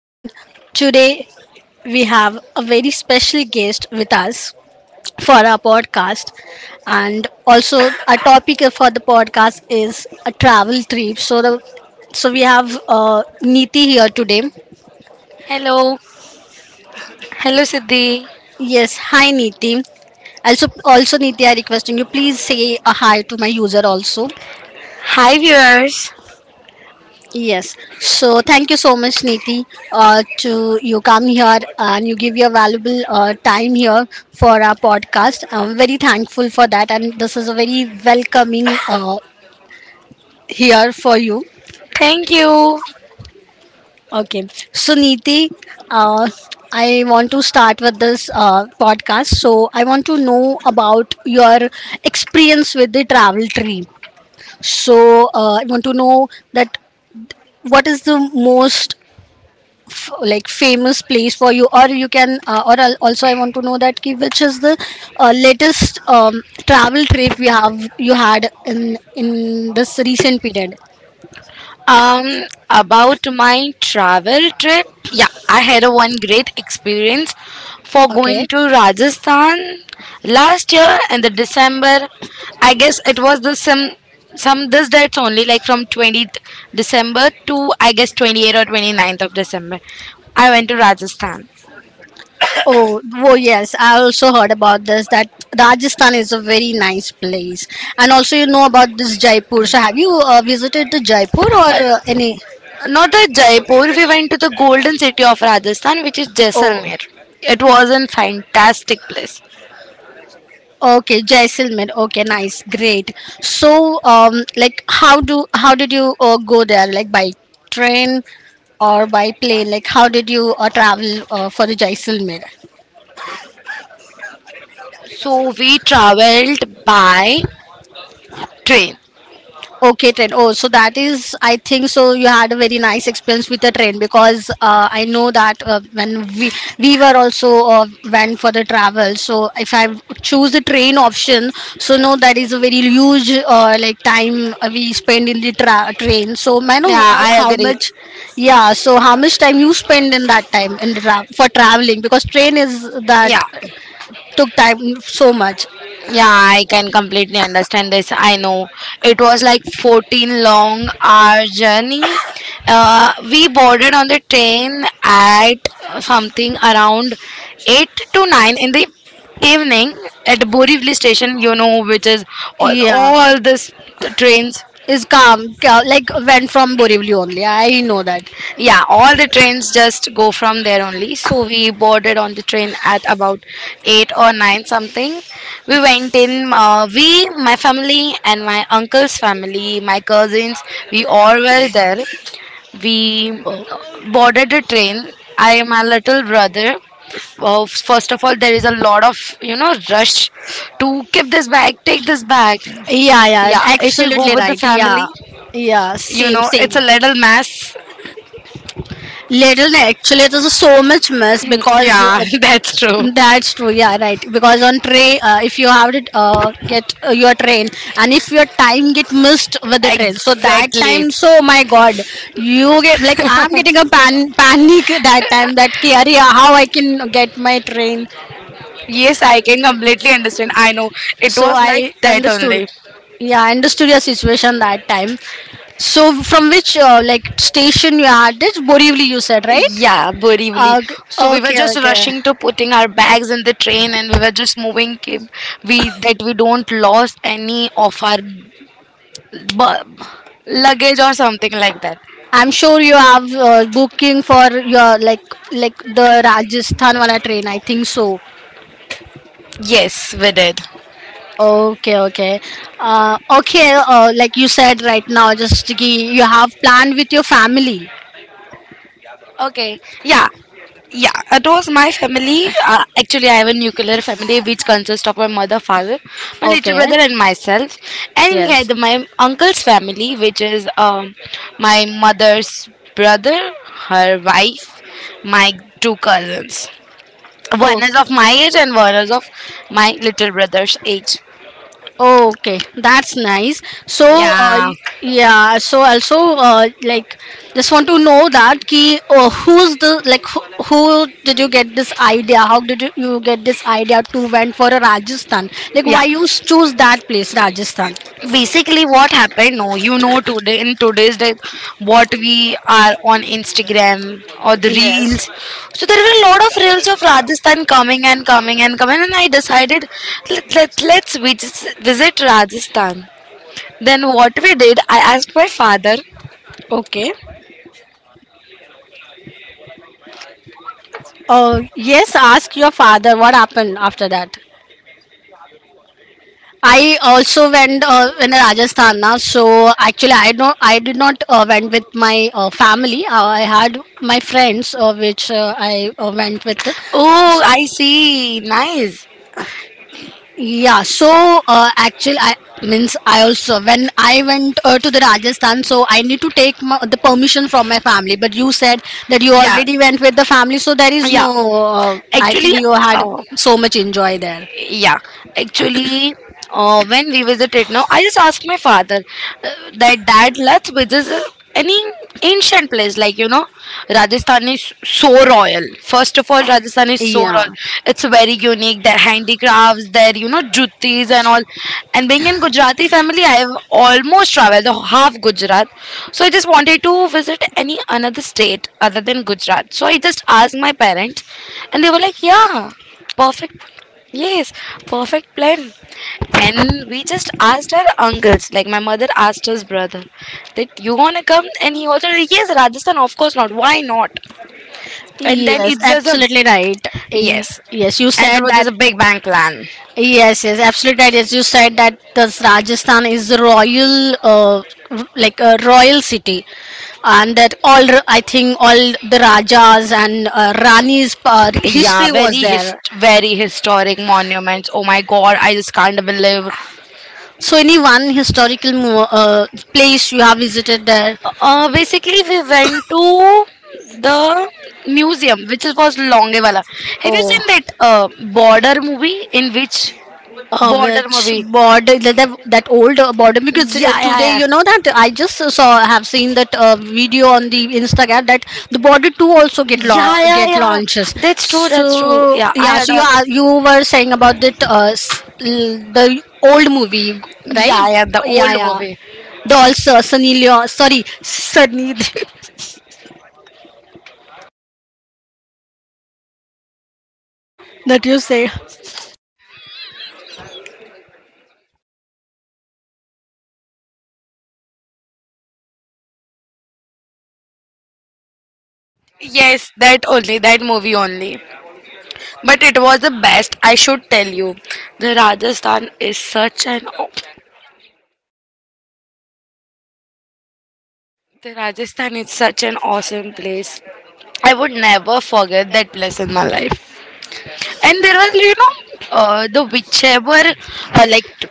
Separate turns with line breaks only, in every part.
And today we have a very special guest with us for our podcast. And also, our topic for the podcast is a travel trip. So we have Neeti here today.
Hello, hello Siddhi.
Yes, hi Neeti. Also Neeti, I requesting you please say a hi to my user also.
Hi viewers.
Yes. So thank you so much, Niti, to you come here and you give your valuable time here for our podcast. I'm very thankful for that, and this is a very welcoming here for you.
Thank you.
Okay. So Niti, uh, I want to start with this podcast. So I want to know about your experience with the travel tree. So I want to know that what is the most like famous place for you, or you can or also I want to know that ki, which is the latest travel trip you have you had in this recent period.
Um, about my travel trip. Yeah, I had a one great experience for going
Okay.
to Rajasthan last year in the December. I guess it was the some this dates only like from 20th December to I guess 28th or twenty ninth of December. I went to Rajasthan.
Oh, oh yes, I also heard about this that Rajasthan is a very nice place. And also you know about this Jaipur. So have you visited the Jaipur or any.
Not at Jaipur, we went to the golden city of Rajasthan, which is
Oh.
Jaisalmer. It was a fantastic place.
Okay, Jaisalmer. Okay, nice, great. So, like, how did you go there? Like by train or by plane? Like, how did you travel for the Jaisalmer?
So we traveled by train.
Okay, train. Oh, so that is, I think so. You had a very nice experience with the train because I know that when we were also went for the travel. So if I choose the train option, so no, that is a very huge like time we spend in the train. So I know
Yeah, I
how
agree.
much, yeah. So how much time you spend in that time in the for traveling because train is that
Yeah.
took time so much.
Yeah, I can completely understand this. I know it was like 14 long hour journey. We boarded on the train at something around 8 to 9 in the evening at Borivali station, you know, which is all,
Yeah.
all this trains.
Is calm, like went from Borivali only. I know that.
Yeah, all the trains just go from there only. So we boarded on the train at about eight or nine something. We went in. We, my family, and my uncle's family, my cousins, we all were there. We
Oh.
boarded the train. I am a little brother. Well, first of all, there is a lot of, you know, rush to keep this bag, take this bag.
Yeah, yeah, yeah,
Yeah, if you go
absolutely
with the
right. Yeah,
family,
yeah,
you
same,
know it's
same.
a little mess.
Little, actually, there's so much mess
Mm,
because
yeah, that's true.
that's true. Yeah, right. Because on train, if you have to get your train, and if your time get missed with the train, so that
Exactly.
time, so my God, you get like I'm getting a pan panic that time. That ki, "Arey, how I can get my train?
Yes, I can completely understand. I know. It
So
was
I
like that
understood,
only.
yeah, I understood your situation that time. So from which like station you had, this Borivali you said, right?
Yeah, Borivali.
Uh,
So we were
okay,
just
okay.
rushing to putting our bags in the train, and we were just moving. We that we don't lost any of our bu- luggage or something like that.
I'm sure you have booking for your like the Rajasthan wala train, I think so.
Yes, we did.
Okay, okay. Uh, okay, like you said right now, just ki you have planned with your family.
Okay, yeah, yeah. It was my family. Actually, I have a nuclear family which consists of my mother, father, my little
Okay,
brother, and myself. And we
yes.
had my uncle's family, which is my mother's brother, her wife, my two cousins. One is of my age and one is of my little brother's age.
Oh, okay, that's nice. So,
Yeah,
y- yeah. So also, like, just want to know that ki who's the like who did you get this idea? How did you, you get this idea to went for a Rajasthan? Like,
yeah.
why you choose that place, Rajasthan?
Basically what happened, no, you know today in today's day what we are on Instagram or the
Yes.
reels, so there were a lot of reels of Rajasthan coming and coming and coming, and I decided let's visit Rajasthan. Then what we did, I asked my father.
Okay. Yes. Ask your father what happened after that. I also went in Rajasthan now. So actually, I don't, I did not went with my family. I had my friends, which I went with.
Oh, I see, nice.
Yeah. So actually, I means I also when I went to the Rajasthan, so I need to take my, the permission from my family. But you said that you
Yeah,
already went with the family, so there is yeah,
yeah,
no. I
actually.
think you had
Oh.
so much enjoy there.
Yeah, actually, when we visited now, I just asked my father that, dad, let's visit any ancient place, like, you know, Rajasthan is so royal. First of all, Rajasthan is so royal.
Yeah.
It's very unique, their handicrafts, their, you know, juttis and all. And being in Gujarati family, I have almost traveled the half Gujarat. So I just wanted to visit any another state other than Gujarat. So I just asked my parents, and they were like, yeah, perfect. Yes, perfect plan. And we just asked our uncles, like my mother asked his brother, that you wanna come? And he also like, yes, Rajasthan, of course not. Why not? And then
Yes,
it's just a
absolutely right. Y-
yes,
yes, you
and it
said
was
that.
just a big bang plan.
Yes, yes, absolutely right. Yes, you said that this Rajasthan is a royal, like a royal city, and that all I think all the rajas and ranis'
Yeah,
history was
very his
there.
very historic monuments. Oh my God, I just can't believe.
So, any one historical place you have visited there?
Basically, we went to the museum, which was Longevala. Have you seen
Oh,
that border movie? In which border
which
movie?
border, that that that old border? Because
Yeah,
today,
yeah,
you know that I just saw have seen that video on the Instagram that the border two also get
yeah, yeah, yeah,
get
yeah.
launches.
That's true. That's true.
So
Yeah, I
yeah,
had
so you
a
are you were saying about that the old movie, right?
yeah, yeah, the old
Yeah, yeah.
movie.
The also Sunny Leon, sorry, Sunny that you say.
Yes, that only, that movie only. But it was the best. I should tell you, the Rajasthan is such an aw- the Rajasthan is such an awesome place. I would never forget that place in my life. And there was, you know, the whichever uh, like t-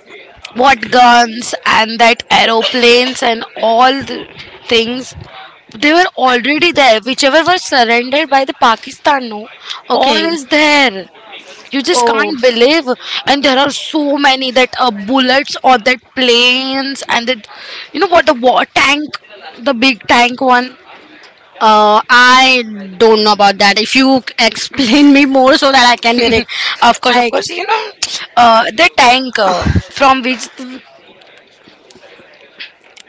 what guns and that aeroplanes and all the things, they were already there, whichever were surrendered by the Pakistan, no, all
Okay.
is there. You just
Oh,
can't believe. And there are so many that bullets or that planes and that, you know what, the war tank, the big tank one.
I don't know about that. If you explain me more so that I can direct.
Of course, of
I.
course,
c-
you know, the tank from which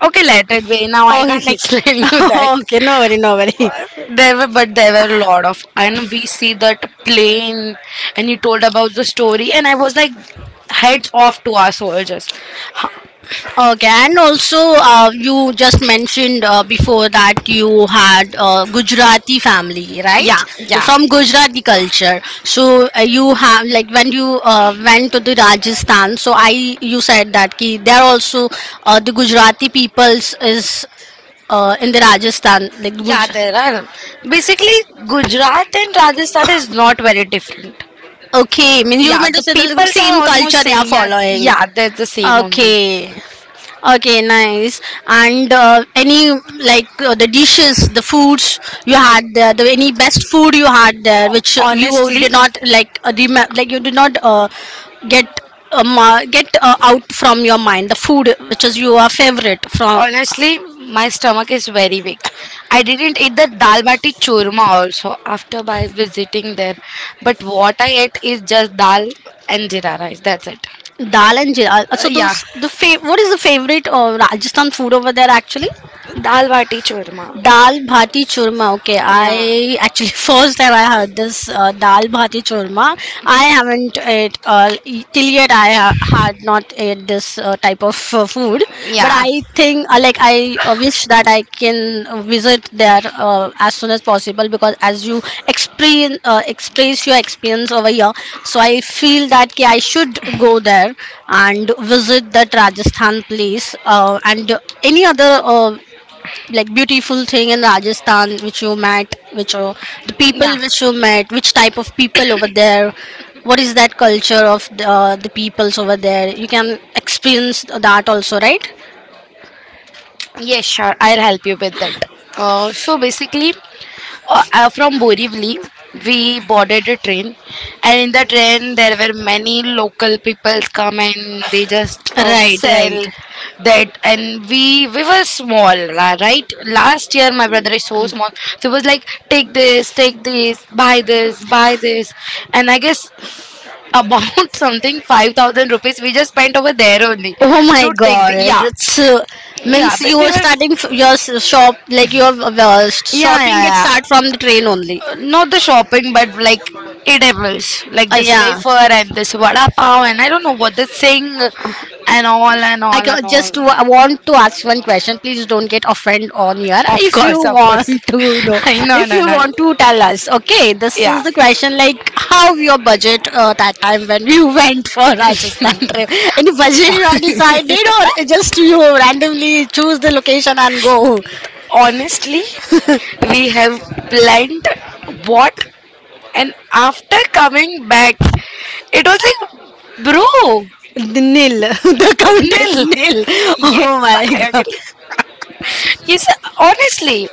okay, let it be. Now I can't
Okay.
explain you that.
Okay, no worry, no worry.
There were, but there were a lot of, and we see that plane, and you told about the story, and I was like, heads off to our soldiers. Ha-
Okay, and also you just mentioned before that you had Gujarati family, right?
Yeah,
You're
yeah,
from Gujarati culture, so you have like when you went to the Rajasthan. So I, you said that ki there also the Gujarati peoples is in the Rajasthan, like the
yeah. There
Guj.
are basically Gujarat and Rajasthan is not very different.
Okay, I mean you
Yeah,
meant to
the
say the
peoples
same
are almost
culture they are
same. Yeah,
following.
yeah, they're the same only.
Okay. Okay, nice. And any like the dishes, the foods you had there, the any best food you had there, which you
Honestly,
did not like, like you did not get get out from your mind. The food which is your favorite from.
honestly, my stomach is very weak. I didn't eat the dal bati churma also after by visiting there, but what I ate is just dal and jeera rice. That's it.
Dal and jeera. So
Yeah,
those the what is the favorite Rajasthan food over there actually?
dal bati churma.
Dal bhati churma. Okay,
Yeah.
I actually first time I heard this dal bhati churma. I haven't ate till yet. I had not ate this type of food, but
Yeah.
I think like I wish that I can visit there as soon as possible because as you experience express your experience over here, so I feel that ki I should go there and visit that Rajasthan place and any other like beautiful thing in Rajasthan which you met, which the
Yeah.
people which you met, which type of people over there, what is that culture of the peoples over there? You can experience that also, right?
Yes, sure. I'll help you with that. Uh, so basically, from Borivali, we boarded a train, and in the train there were many local people come and they just
Right, right.
sell that. And we were small, right? Last year my brother is so small, so it was like, take this, buy this, buy this, and I guess about something 5,000 rupees we just spent over there only
Oh my
to take
God!
the yeah
It's
yeah,
means
but
you
we
are
were
starting your shop like your
yeah, yeah,
shopping gets start
yeah.
from the train only.
Not the shopping, but like eatables, like this
Yeah.
wafer and this vada pav, and I don't know what this thing, and all and all
I
and all.
just want to ask one question. Please don't get offended on here.
Of
If you
course, of course.
want to know,
No,
if
no,
you
no.
want to tell us, okay, this
Yeah.
is the question like how your budget that time when you went for Rajasthan trip. Any budget you have decided or just you randomly choose the location and go?
Honestly, we have planned what, and after coming back, it was like, bro.
The nil. The count is
Nil.
nil.
Yes,
Oh my
I
god.
agree. Yes, honestly,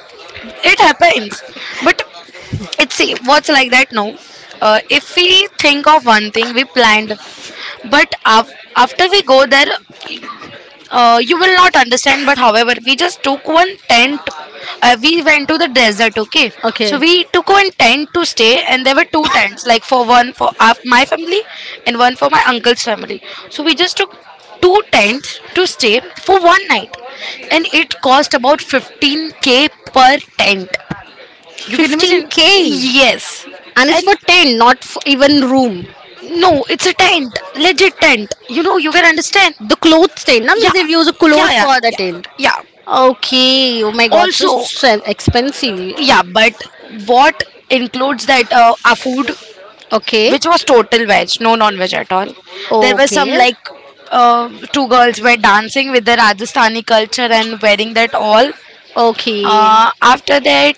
it happens. But it's see, what's like that now. If we think of one thing we planned, but after we go there, you will not understand, but however we just took one tent. We went to the desert, okay, so
Okay.
we took one tent to stay, and there were two tents, like for one for my family and one for my uncle's family. So we just took two tents to stay for one night, and it cost about 15K per tent. You can imagine?
15K.
Yes.
And it's
And
for tent, not for even room.
no, it's a tent, legit tent. You know, you can understand.
The clothes tent, that
Yeah,
means they've used a
yeah,
cloth
yeah,
for the
yeah.
tent.
Yeah.
Okay, oh my god, so
Also,
expensive.
yeah,
Yeah,
but what includes that our food,
okay,
which was total veg, no non-veg at all. There were some
okay,
like two girls were dancing with the Rajasthani culture and wearing that all.
okay,
After that,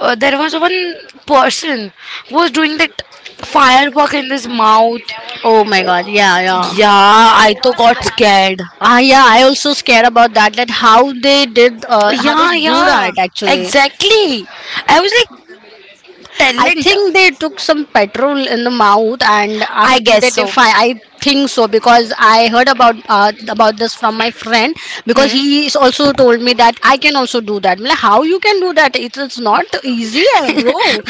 there was one person who was doing that firework in his mouth.
oh my god, yeah, yeah.
Yeah, I too got scared.
Ah, yeah, I also scared about that. That how they did, how they
Yeah,
do
yeah,
that actually.
exactly. I was like,
I
talent.
think they took some petrol in the mouth, and
I
after
guess
that,
so.
if I, I think so because I heard about this from my friend because he is also told me that I can also do that. I'm like, how you can do that? It's not easy, eh, bro.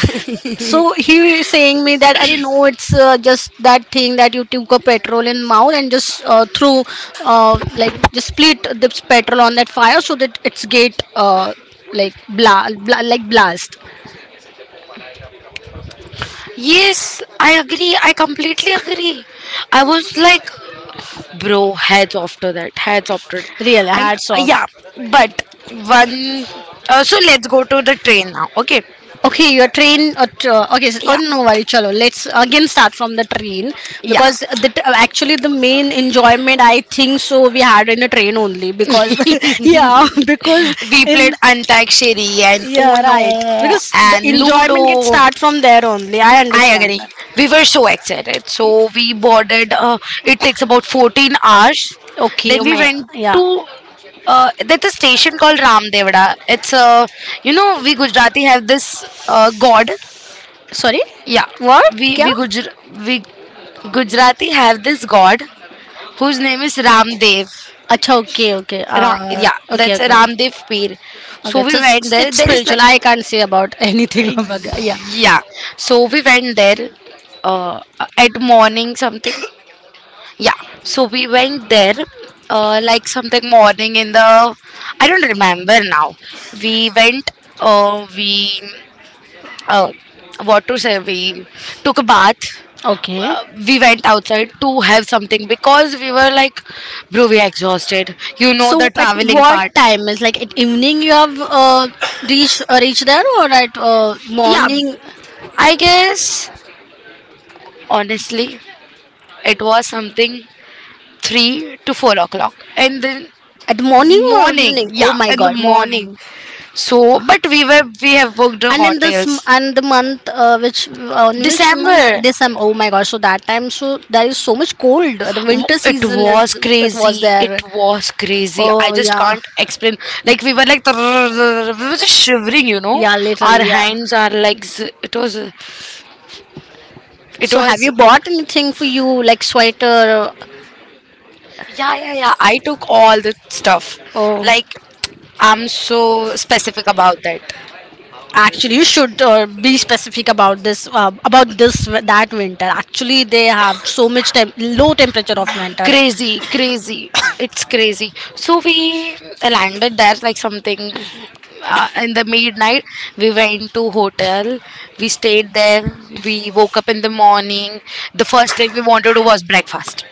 So he is saying me that I know it's just that thing that you took a petrol in mouth and just threw like just split the petrol on that fire so that it's get like bla, bla like blast.
Yes, I agree. I completely agree. I was like, bro, heads after that, heads after that.
Really,
And
hats off.
yeah, but one. So let's go to the train now, okay?
Okay, your train. Okay, so, oh
Yeah,
no worry, chalo. Let's again start from the train
yeah.
because the actually the main enjoyment I think so we had in the train only because
We
yeah because in
played Antakshari and
yeah right
Uno
because the
and
enjoyment gets
Ludo.
start from there only I
I
understand
agree.
that.
We were so excited. So we boarded. It takes about 14 hours.
Okay,
Then
you very
we
may betterment,
went
yeah.
to. There's a station called Ramdevada. It's a, you know, we Gujarati have this god.
Sorry,
Yeah,
what
we
kya.
we Gujr we Gujarati have this god whose name is Ramdev.
Acha, okay, okay, uh,
Yeah,
okay,
that's a
okay,
Ramdev Peer.
okay.
So we went there.
It's
There is like
spiritual, I can't say about anything about that, yeah.
yeah. So we went there uh, at morning something. Yeah, so we went there like something morning in the, I don't remember now. We went, we uh, what to say, we took a bath.
Okay.
We went outside to have something because we were like, bro, we are exhausted. You know
So
the
at
traveling part.
what time is, like at evening you have reached reached there or at yeah,
Yeah,
morning.
I guess, honestly, it was something 3 to 4 o'clock, and then
At morning or
morning,
evening? Oh
yeah,
my
in the
God,
morning.
morning.
So, but we have booked the
And in this
hotels.
and the month which on which month?
December,
December? Oh my God. So that time, so there is so much cold. The winter
It
season is
was
it was
crazy. It
there.
was crazy. I
Oh
just
yeah,
can't explain. Like we were like we were just shivering, you know.
yeah,
Our
literally yeah.
hands, our legs. It was, it
So have
was.
you bought anything for you, like sweater
Yeah, yeah, yeah. I took all the stuff.
or?
Like, I'm so specific about that.
Actually, you should be specific about this that winter. Actually, they have so much low temperature of winter.
Crazy, crazy. It's crazy. So we landed there like something in the midnight. We went to hotel. We stayed there. We woke up in the morning. The first thing we wanted to was breakfast.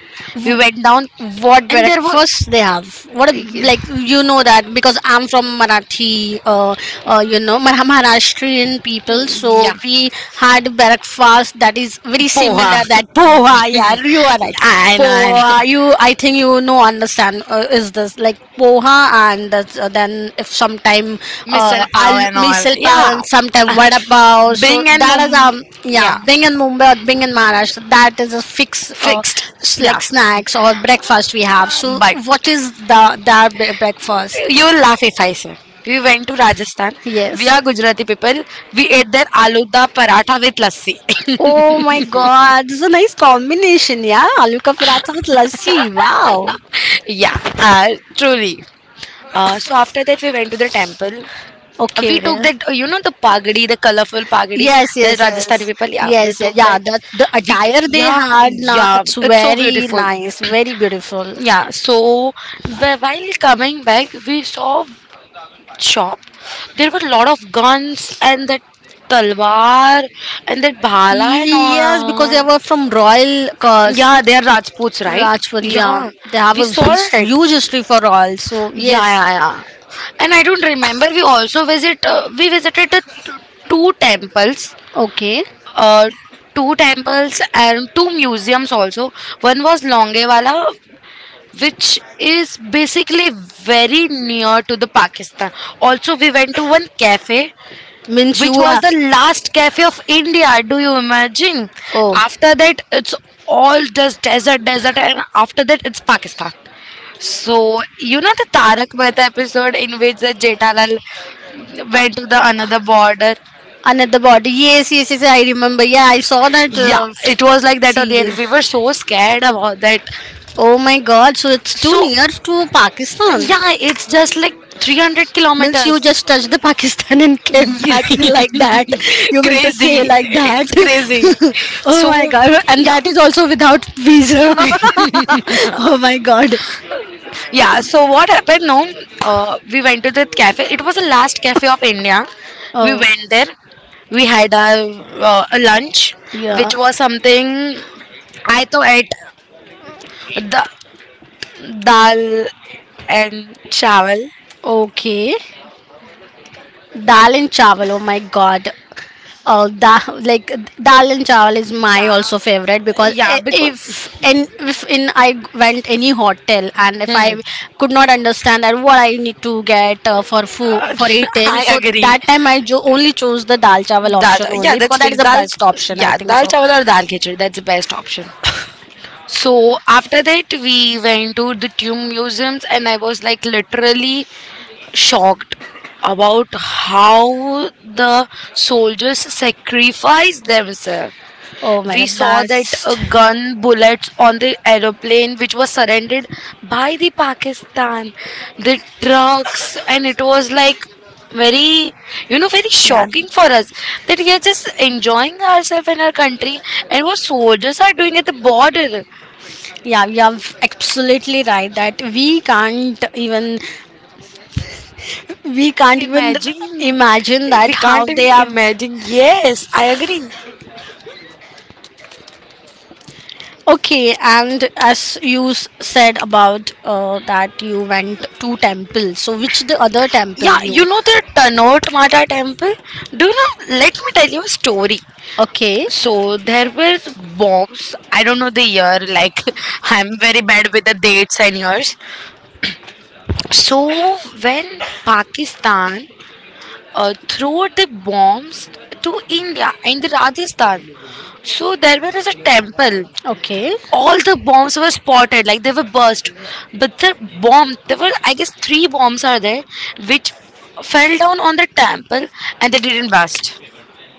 We went down
W- what
and there was
breakfast they have, what
yeah.
like you know that because I'm from Marathi you know Maharashtrian people, so we had breakfast that is very Poha.
Poha.
Similar, that poha, yeah you are right.
I know, I know.
Poha, you I think you know understand is this like poha, and that's, then if sometime
Missile power
I'll
and all.
misal pav
Yeah.
and sometime vada pav. So
Bing and
that
Mum.
is yeah,
Yeah.
being in Mumbai or being in Maharashtra, that is a fixed
Fixed. Yeah.
like snacks or breakfast we have. So
But
what is the their breakfast?
you will laugh if I say. We went to Rajasthan.
Yes.
We are Gujarati people. We ate their aluda paratha with lassi.
Oh my god, this is a nice combination, yeah. Aloo ka paratha with lassi. Wow.
Yeah, truly. So after that, we went to the temple. We
Okay.
took that, you know, the pagadi, the colorful pagadi,
Yes, yes,
the
yes,
Rajasthani people,
Rajasthani,
yeah, we
yes,
took
yes. Yeah,
that.
the attire they
Yeah,
had now. Yeah, it's
yeah,
really
it's so
very
beautiful.
nice. Nice, very beautiful.
Yeah, so while coming back we saw shop. There were a lot of guns and that talwar and that bhala and
Yes, because they
all.
were from royal, yeah, cause
Yeah, they are Rajputs, right?
Rajpuri. Yeah,
Yeah,
they have
we
a
saw that.
huge history for royal. So yeah,
Yeah,
yes.
yeah, yeah. And I don't remember, we also visit we visited the two temples,
Yeah, okay.
uh, two temples and two museums also. One was Longewala, which is basically very near to the Pakistan. Also, we went to one cafe,
Means you
which
Which
was
are
the last cafe of India. Do you imagine?
oh
After that, it's all just desert, desert, and
the
after that, it's Pakistan. So you know the Tarak Mehta episode in which the Jetalal went to the another border.
another body. Yes, yes, yes, I remember. Yeah, I saw that
Yeah, it was like that only, and
series.
we were so scared about that.
Oh my God! So it's too
So
near to Pakistan.
yeah, it's just like 300
Means you
kilometers.
just touched the Pakistan and came back like
Crazy.
that. You meant to say like that.
It's crazy.
Oh my
So
God! And
yeah.
that is also without visa. Oh my God!
Yeah, so what happened? No, we went to the cafe. It was the last cafe of india. We
Oh
went there. We had a lunch,
yeah.
which was something. I thought ate the dal and chawal,
Okay. Dal and chawal. Oh my God. Oh, like dal and chawal is my, yeah, also favorite, because
yeah, because
if, and if in went any hotel and if I could
hmm.
not understand that what I need to get for food,
Uh,
for eating,
I
so
agree.
that time I only chose the dal chawal
Dal,
option
option. Yeah,
only, because
that's what
that
is
is
fixed. The
the
dal, best
best
option?
option, I
Yeah,
think
dal
so.
chawal or dal khichdi. That's the best option. So after that, we went to the tomb museums, and I was like literally shocked about how the soldiers sacrifice themselves.
Oh my god,
We saw that
that's
gun bullets on the aeroplane, which was surrendered by the Pakistan, the trucks, and it was like very, very
yeah
shocking for us that we are just enjoying ourselves in our country, and what
joyful.
soldiers are doing at the border.
Yeah, you're absolutely right that we can't even
Imagine,
imagine
we
that how
can't
they
even
have
imagine. Yes, I agree.
okay. And as you said about that you went to temple, so which the other temple
Yeah, you
you
know the Tanote Mata temple? Do you know? Let me tell you a story.
okay.
So there were bombs. I don't know the year. Like, I'm very bad with the dates and years. So when Pakistan threw the bombs to India and the Rajasthan, so there was a temple.
Okay.
All the bombs were spotted, like they were burst. But the bomb, there were I guess three bombs are there, which fell down on the temple, and they didn't burst.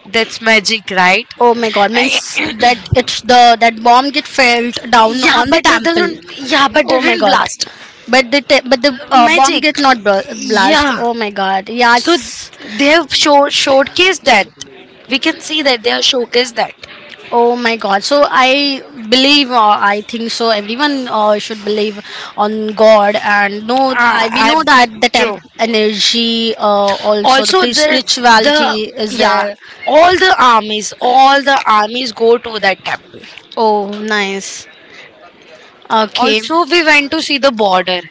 That's magic, right?
Oh my god, means
I,
that it's the, that bomb get fell down
yeah,
on the
but it
temple.
doesn't. Yeah, but it
Oh my
didn't
god.
blast.
But but the bomb
Magic.
get not blast.
Yeah.
Oh my god. Yeah,
So
it's
they have showcased that. We can see that they have showcased that.
oh my god. So I believe I think so everyone should believe on God, and know I
Ah,
we
I
know that the
true.
temp energy also the
Also, the
spirituality is
yeah,
there.
all the armies go to that temple.
Oh, nice. Okay.
Also, we went to see the border.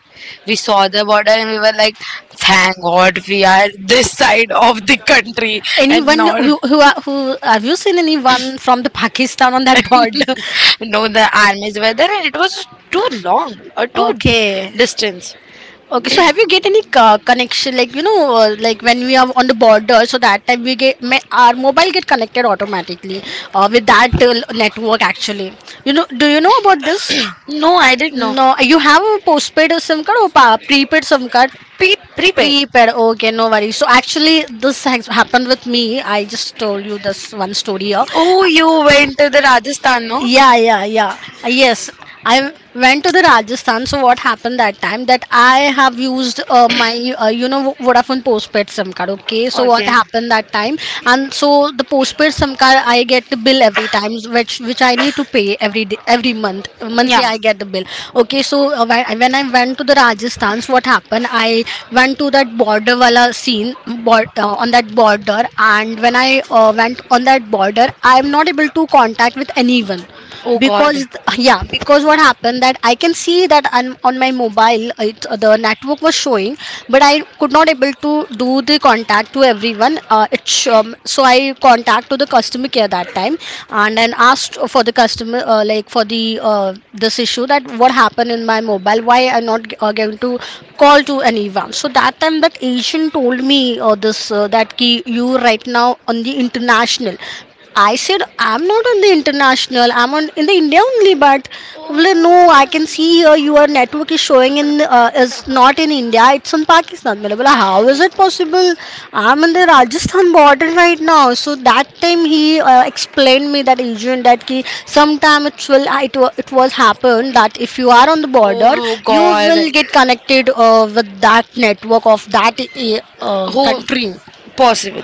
We saw the border and we were like, thank God we are this side of the country and
Anyone
not.
who are- who Have you seen anyone from the Pakistan on that border?
No, the armies were there and it was too long or too
Okay.
distance.
Okay, so have you get any connection, like you know like when we are on the border, so that time we get our mobile get connected automatically with that network actually. You know, do you know about this?
No, I didn't know.
No, you have a postpaid SIM card or prepaid SIM card?
Pre-
Prepaid.
prepaid.
Prepaid. Okay, no worries. So actually, this has happened with me. I just told you this one story
Oh,
here,
you went to the Rajasthan, no?
yeah, yeah, yeah. Yes, I went to the Rajasthan. So what happened that time, that I have used my you know, Vodafone postpaid SIM card. Okay, so what
Okay.
happened that time, and so the postpaid SIM card, I get the bill every time, which I need to pay every day, every month. Monthly,
Yeah.
yeah, I get the bill. Okay, so when I went to the Rajasthan's, what happened? I went to that border wala scene, on that border, and when I went on that border, I am not able to contact with anyone,
Oh God.
because yeah, because what happened that I can see that on my mobile it, the network was showing, but I could not able to do the contact to everyone. So I contact to the customer care that time and then asked for the customer like for the this issue, that what happened in my mobile, why I'm not going to call to anyone. So that time that Asian told me this that ki you right now on the international. I said I'm not on the international, I'm on in the India only. But well, no, I can see here your network is showing in is not in India, it's in Pakistan. मैंने बोला how is it possible? I'm in the Rajasthan border right now. So that time he explained me, that agent, that ki sometime it will it was happen that if you are on the border,
Oh
you
God.
will get connected with that network of that
Who
country.
possible?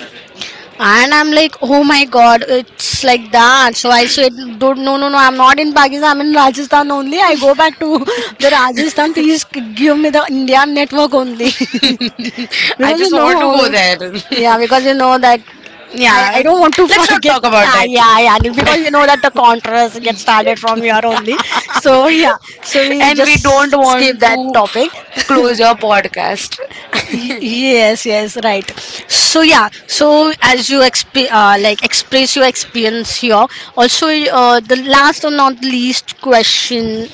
And I'm like, oh my god, it's like that. So I said, do no, no, no, I'm not in Pakistan, I'm in Rajasthan only. I go back to the Rajasthan, please give me the India network only.
I
Because you
just want to go
know,
there.
yeah, because you know that I, yeah,
Yeah.
I don't want to
Let's not
forget.
talk about
Ah, that,
that.
yeah, yeah. And because you know that the contrast gets started from here only. So yeah, so we
And we don't
just skip
want
that
to
topic.
close your podcast.
Y- yes, yes, right. So yeah, so as you like express your experience here, also the last and not least question,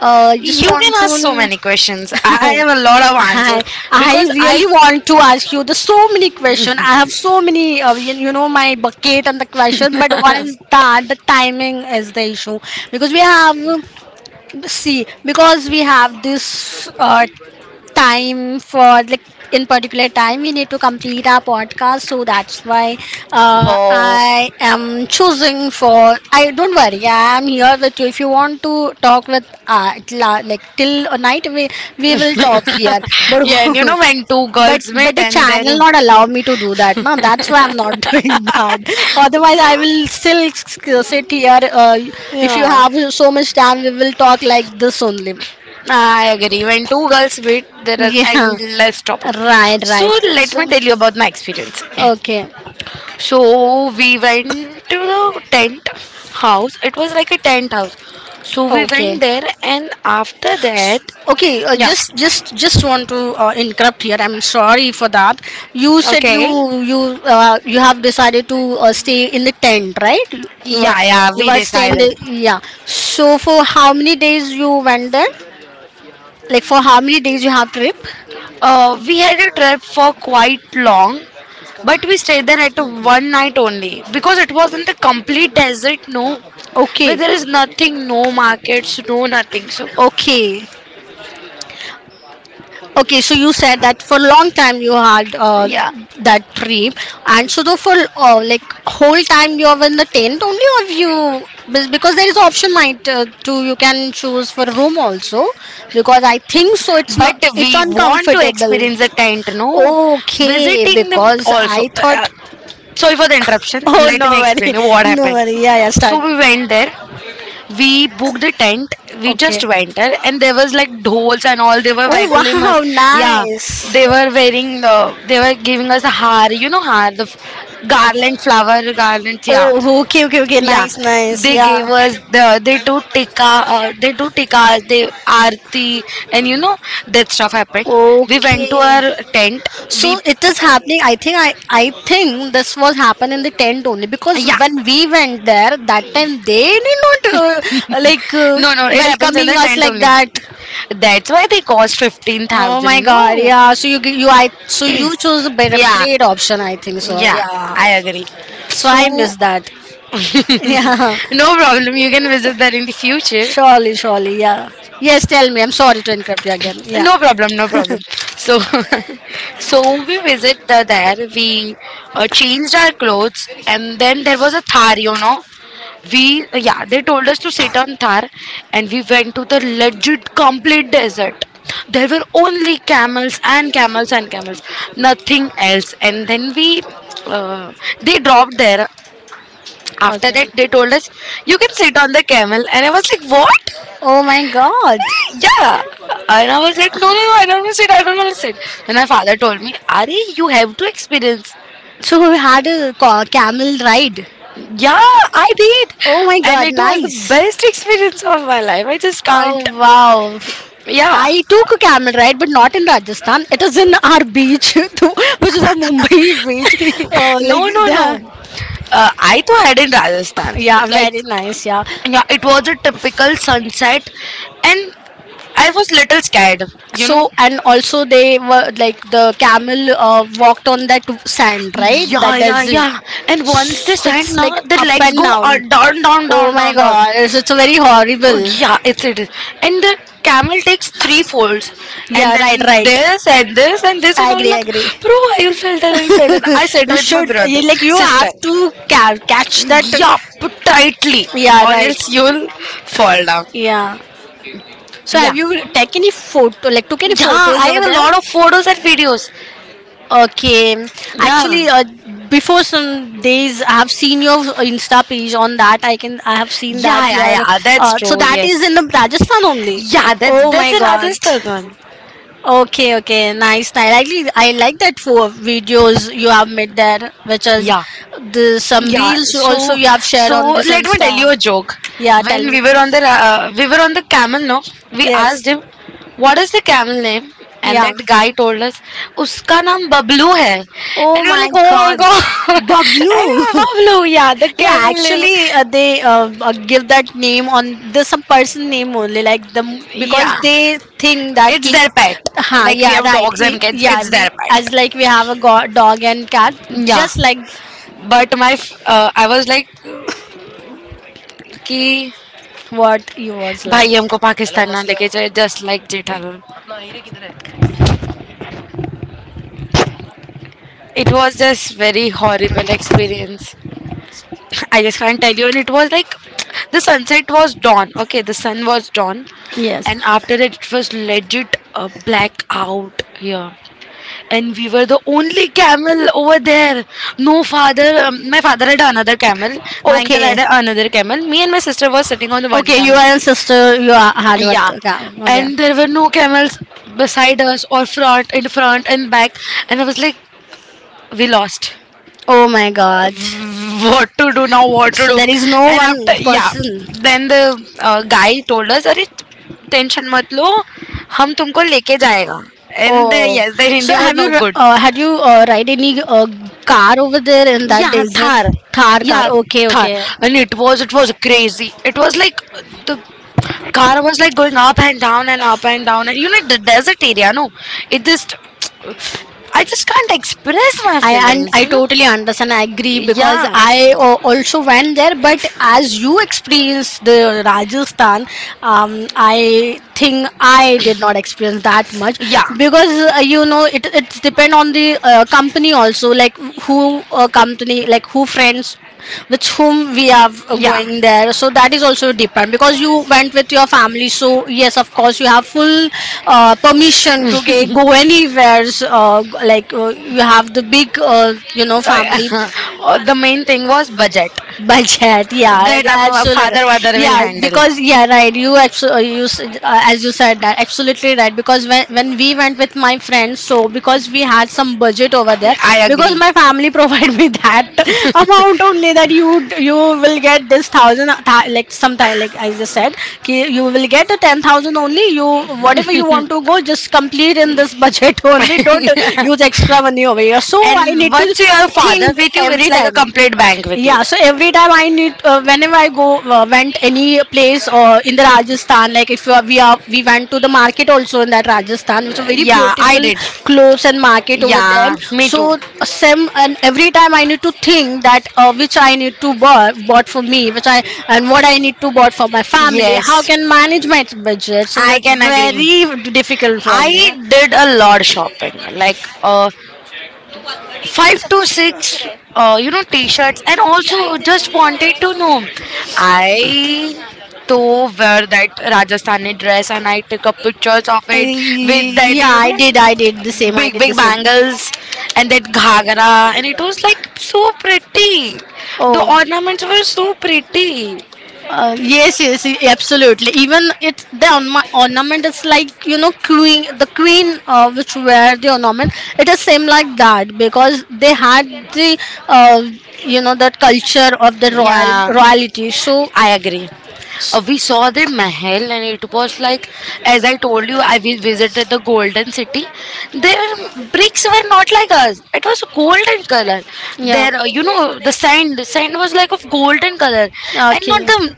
I just
You
want to
can ask so many questions. I
I,
have a lot of
I
answers
I
because I.
really want to ask you the so many questions. I have so many, you, you know, my bucket and the question. But what is that? The timing is the issue, because we have, see, because we have this time for like, in particular time we need to complete our podcast, so that's why I am choosing for, I don't worry, I am here with you, if you want to talk with like till night, we
Oh.
will talk here, but
Yeah, and you know when two
But
girls
but
meet
the
and
channel
they're
not allow me to do that. No, that's why I'm not doing that. Otherwise, I will still sit here. If you
yeah.
have so much time, we will talk like this only.
Nah, I agree. When two girls meet, there are
Yeah,
endless topics.
right,
So
right.
let
So
me
a
tell you about my experience.
story. Okay,
So we went to the tent house. It was like a tent house. So we
okay.
went there, and after that,
Okay, yeah,
yeah,
just want to interrupt here. I'm sorry for that. You said okay,
okay.
you you have decided to stay in the tent, right? You, yeah, were
Yeah,
yeah,
yeah,
you, we
we
were did staying. The,
decided.
yeah. So for how many days you went there? Like for how many days you have trip?
We had a trip for quite long, but we stayed there at one night only because it was in the complete desert, no, where
Okay,
there
that.
is nothing,
No
no
markets,
markets,
no
no nothing.
nothing.
So,
Okay. Okay, so you said that for long time you had
yeah,
that trip, and so though for like whole time you are in the tent only, or you because there is option night too. You can choose for room also, because I think so, it's not,
but
it's
we want to
uncomfortable.
experience the tent, no,
Okay,
visiting them
because
also.
I
Uh,
thought.
sorry for the interruption.
Oh,
Let me
no
explain
worry,
you what
no
happened.
worry. Yeah, yeah. Start.
So we went there. We booked a tent. We just went there, and there was like dolls and all, they were welcoming us.
Wow,
Yeah,
yeah.
they were giving us a har, you know, har, garland, flower garlands. Yeah,
Oh, okay, okay, okay.
yeah,
Nice, nice. There
they gave
yeah.
us the, they do tikka, they arti, and you know, that stuff happened. We went to
Okay.
our tent.
So
We
it is happening. I think this was happened in the tent only, because yeah,
Yeah.
when we went there that time they did not like no,
No, no,
was
it happens in
welcoming
the
was us
tent
like
only.
that.
That's why they cost
Oh my
15,000.
God!
No.
Yeah. So you gi- you I so you chose a better
Yeah.
great option, I think so.
Yeah.
Yeah.
I agree.
So
So,
I
no
miss that. Yeah.
problem. You can visit that in the future.
Surely, surely. Yeah. Yes, tell me. I'm sorry to interrupt you again. Yeah.
No problem. No problem.
Problem.
So, so we visit there. We changed our clothes, and then there was a thari. Yeah, they told us to sit on Thar, and we went to the legit complete desert. There were only camels and camels and camels, nothing else. And then uh, they dropped there. After that, they told us, you can sit on the camel. And I was like, what?
Oh my god.
Yeah. And I was like, no, no, no, I don't want to sit, I don't want to sit. And my father told me, are you have to experience.
So we had a camel ride.
Yeah, I did.
Oh my And
And
god, it
it
was
was the
nice.
best experience of my life. I just
Oh
can't.
wow.
Yeah.
I took a camel ride, but not in Rajasthan. It is in our beach, which is a Mumbai beach. Oh, like
No,
oh,
no,
they are
no. I too had in
nice.
Rajasthan.
Yeah,
Like,
very nice. Yeah.
yeah, it was a typical sunset, and I was little scared. You know.
So and also they were like the camel walked on that sand, right?
Yeah,
That
yeah,
doesn't.
yeah. And once they
So
stand
it's sand
now,
like
the
up
legs
and
go
down.
down, down,
Oh
down,
my
down, down.
god, it's very
Oh,
horrible.
yeah, it's it is. And the camel takes three folds, and
Yeah, right,
then
right.
this and this and this, and
I
I was
agree, I
like,
agree.
bro, I felt and I felt and I said
We
with my
should
brother,
like you have
sister.
to catch that.
Yup, tightly,
Yeah,
or
right.
else you'll fall down.
Yeah. So
Yeah,
have you taken any photo? Like took any, yeah,
yeah,
photos
I
over
have a
there?
lot of photos and videos.
Okay,
Yeah,
actually, before some days, I have seen your Insta page. On that, I have seen
yeah,
that
yeah, yeah,
your
that's
So
true,
that
yes.
is in the Rajasthan only.
Yeah, that's
Oh
that's
my
a
God.
Rajasthan one.
Okay, okay, nice, nice. Actually, I like that four videos you have made there, which is
Yeah.
the some, yeah,
Yeah,
reels you also, so,
so
you have shared
so
on this
let me
Insta.
tell you a joke.
Yeah, tell
When
me.
we were on the camel, no, we
Yes.
asked him, "What is the camel name?" And
Yeah.
that guy told us, "Uska naam Bablu hai." And
Oh
we were
my
like, "Oh my
God.
god, and
Bablu.
Bablu, yeah, the
Yeah,
camel name."
actually, they give that name on the some person name only, like them, because
Yeah,
they think that
it's
ki,
their pet.
ha,
Like we
yeah,
have
right,
dogs
I-
and cats,
yeah,
it's
we
their pet.
as like we have a dog and cat, yeah,
Yeah,
just like
but I was like, "Ki."
what you was
भाई
like.
हमको पाकिस्तान ना लेके जाए just like Jethalal. It was just very horrible experience. I just can't tell you. And it was like the sunset was dawn. Okay, the sun was dawn,
Yes.
and after that it was legit a blackout here. And we were the only camel over there. No father. My father had another camel. My uncle
Okay.
had another camel. Me and my sister was sitting on the one
Okay, you
camel.
and sister, you are hard
Yeah,
work.
and there were no camels
Okay.
beside us or front, in front and back, and I was like, we lost.
Oh my god.
What to do now? What to
So do?
do?
There is no
And after,
one
yeah,
person.
then the guy told us, अरे tension मत लो, हम तुमको लेके
The,
जाएगा. And they,
oh.
yes, their
So
Hindi
Hindi
were
have you
no good.
had you ride any uh, car over there in that
Yeah,
desert?
Thar.
Thar. Thar car.
Yeah, okay,
Okay, Thar,
Thar, okay. And
okay.
it was crazy. It was like the car was like going up and down and up and down, and you know the desert area, no, it just I just can't express my
I, and
feelings,
I
you know.
totally understand. I agree, because
Yeah,
I also went there. But as you experienced the Rajasthan, I think I did not experience that much,
yeah.
because you know it, it's depend on the company also. Like who company, like who friends with whom we are
Yeah.
going there, so that is also depend. Because you went with your family, so yes, of course you have full permission to go anywhere, like you have the big
Uh,
family
the main thing was budget
budget. Yeah, that
that
is, yeah, a
our
absolutely matter.
father mother will
Yeah,
handle.
because yeah, right, you you as you said, that absolutely right. Because when we went with my friends, so because we had some budget over there,
I
because
agree.
my family provide me that amount only, that you will get this thousand like sometime, like I just said, ki you will get the 10,000 only. You whatever you want to go, just complete in this budget only. Don't use extra money over here, so I
And
need to
once you have father
think
with you, it's
every
like a
time.
complete bank with you.
Yeah, so every time I need, whenever I go, went any place or in the Rajasthan, like if you are, we went to the market also in that Rajasthan, which is very
Yeah, I
beautiful
did.
clothes and market over there.
Yeah, me too.
So same, and every time I need to think that which I need to buy, bought for me, which I and what I need to bought for my family. How
Yes,
can manage my budget? So
I
it's
can agree.
very difficult for me
I did a lot shopping. Like, uh, five to six t-shirts, and also just wanted to know I to wear that Rajasthani dress, and I took up
with
pictures of
that.
it with that,
Yeah,
you
I
know,
did. I did the same. I
big big bangles and that ghagra, and it was like so pretty. The ornaments were so pretty.
yes, yes, absolutely. Even it the ornament is, like, you know, queen, the queen which wear the ornament. It is same like that, because they had the uh, that culture of the royal
Yeah,
royalty. So
I agree. Uh,
Uh,
we saw the Mahal, and it was like, as I told you, I visited the Golden City. Their bricks were not like us. It was golden color.
yeah.
There, you know, the sand was like of golden color, and
Okay.
not the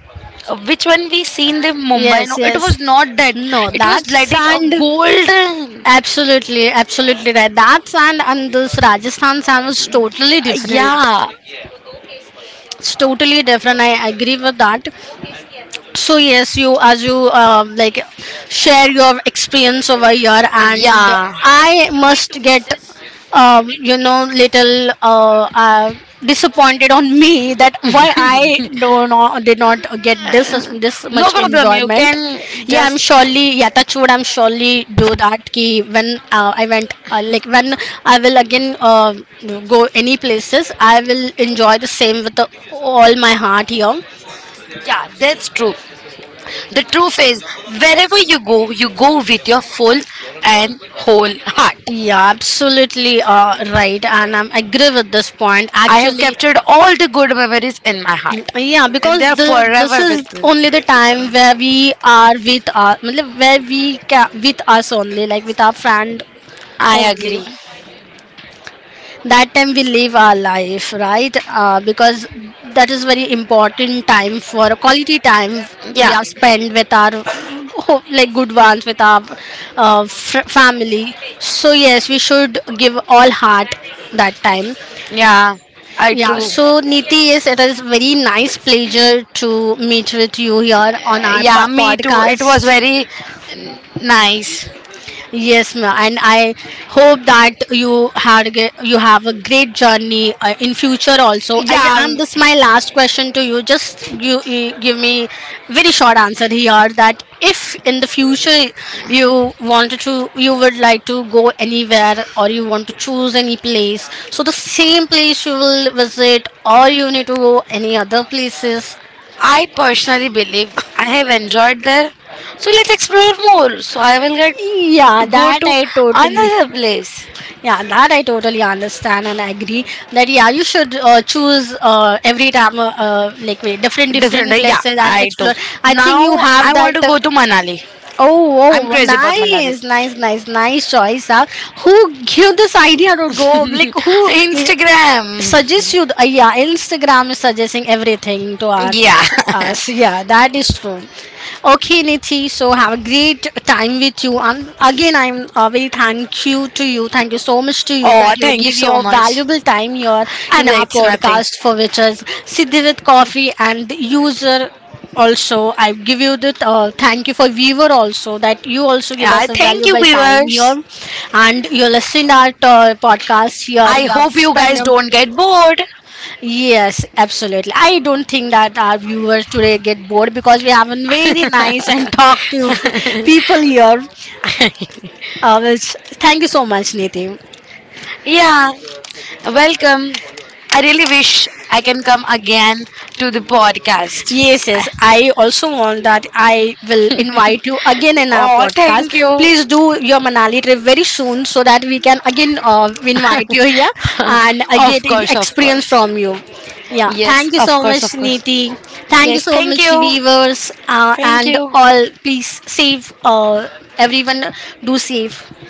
which one we see in the Mumbai.
Yes,
No, it
yes.
was not that.
No, it was
It was
that like a
like it a
sand. A
golden.
absolutely, absolutely right. That sand and this Rajasthan sand was totally different.
Yeah,
Yeah, it's totally different. I agree with that. So yes, you, as you like share your experience over here, and
yeah,
I must get little, disappointed on me that why I do not did not get this this
no
much
problem, you
enjoyment.
can
Yeah, I'm
just.
surely, yeah, touch wood. I'm surely do that. Ki when I went like, when I will again go any places, I will enjoy the same with the, all my heart here.
Yeah, that's true. The truth is, wherever you go, you go with your full and whole heart.
Yeah, absolutely, right, and I agree with this point.
I have
Actually,
captured all the good memories in my heart,
yeah,
and
because
they're
the, this
forever
is
with me.
only the time where we are with our, matlab, where we with us only, like with our friend
I
only.
agree.
That time we live our life, right, because that is very important time. For quality time we yeah have spent with our like good ones with our family, so yes, we should give all heart that time.
Yeah. I
Yeah,
true.
so Niti, yes, it is very nice pleasure to meet with you here on our yeah,
Yeah, me too. It was
podcast.
very nice.
Yes, ma'am, and I hope that you had you have a great journey in future also. I
Yeah,
am this my last question to you. Just you, you give me very short answer here, that if in the future you wanted to, you would like to go anywhere, or you want to choose any place. So the same place you will visit, or you need to go any other places.
I personally believe I have enjoyed there. So let's explore more.
So
So
I
I
will
will
get.
get
Yeah,
to go
that
to
I, are you totally
another
here?
place.
Yeah, that I totally understand and agree. That yeah, you should choose every time, like, wait, different, different
Different,
yeah
yeah,
places, and I
I too.
explore. I now think
Now
you I have want
I
that,
want to go
want to.
to Manali.
Oh,
I'm
oh,
crazy about Manali.
nice, nice, nice, nice choice. Huh? Who give this idea to go? Like who i-
Instagram.
suggests you? Yeah, Instagram is suggesting everything to
Yeah.
us. So yeah, that is true. Okay, Nithi. So have a great time with you. And again, I'm very thank you to you. Thank you so much to you, that
Oh,
you
thank you
give
so
your
much.
valuable time here
Ah,
in our
it's nothing.
podcast, for which is Siddhi with Coffee. And the user also, I give you the thank you for viewer also, that you also give
Yeah,
us a
thank you,
valuable time here,
viewers, and
and you
you're
listened
listening to
our
the
podcast
podcast here.
here.
I
You have
hope you
spent
guys
your
don't get bored.
yes,
Yes.
absolutely. I don't think that our viewers today get bored, because we have a very nice and talkative people here. Uh, which, thank you so much, Niti.
Yeah, welcome. I really wish I can come again to the podcast.
Yes, yes. I also want that I will invite you again in our
Oh,
podcast.
thank you.
Please do your Manali trip very soon, so that we can again invite you here and get
Of course, of
experience
course.
from you. Yeah,
Yes,
thank you
of
so
course, of
much,
course.
Niti. Thank you
Yes,
so
thank
much,
you.
viewers,
Thank
and
you.
all. Please save everyone. Do save.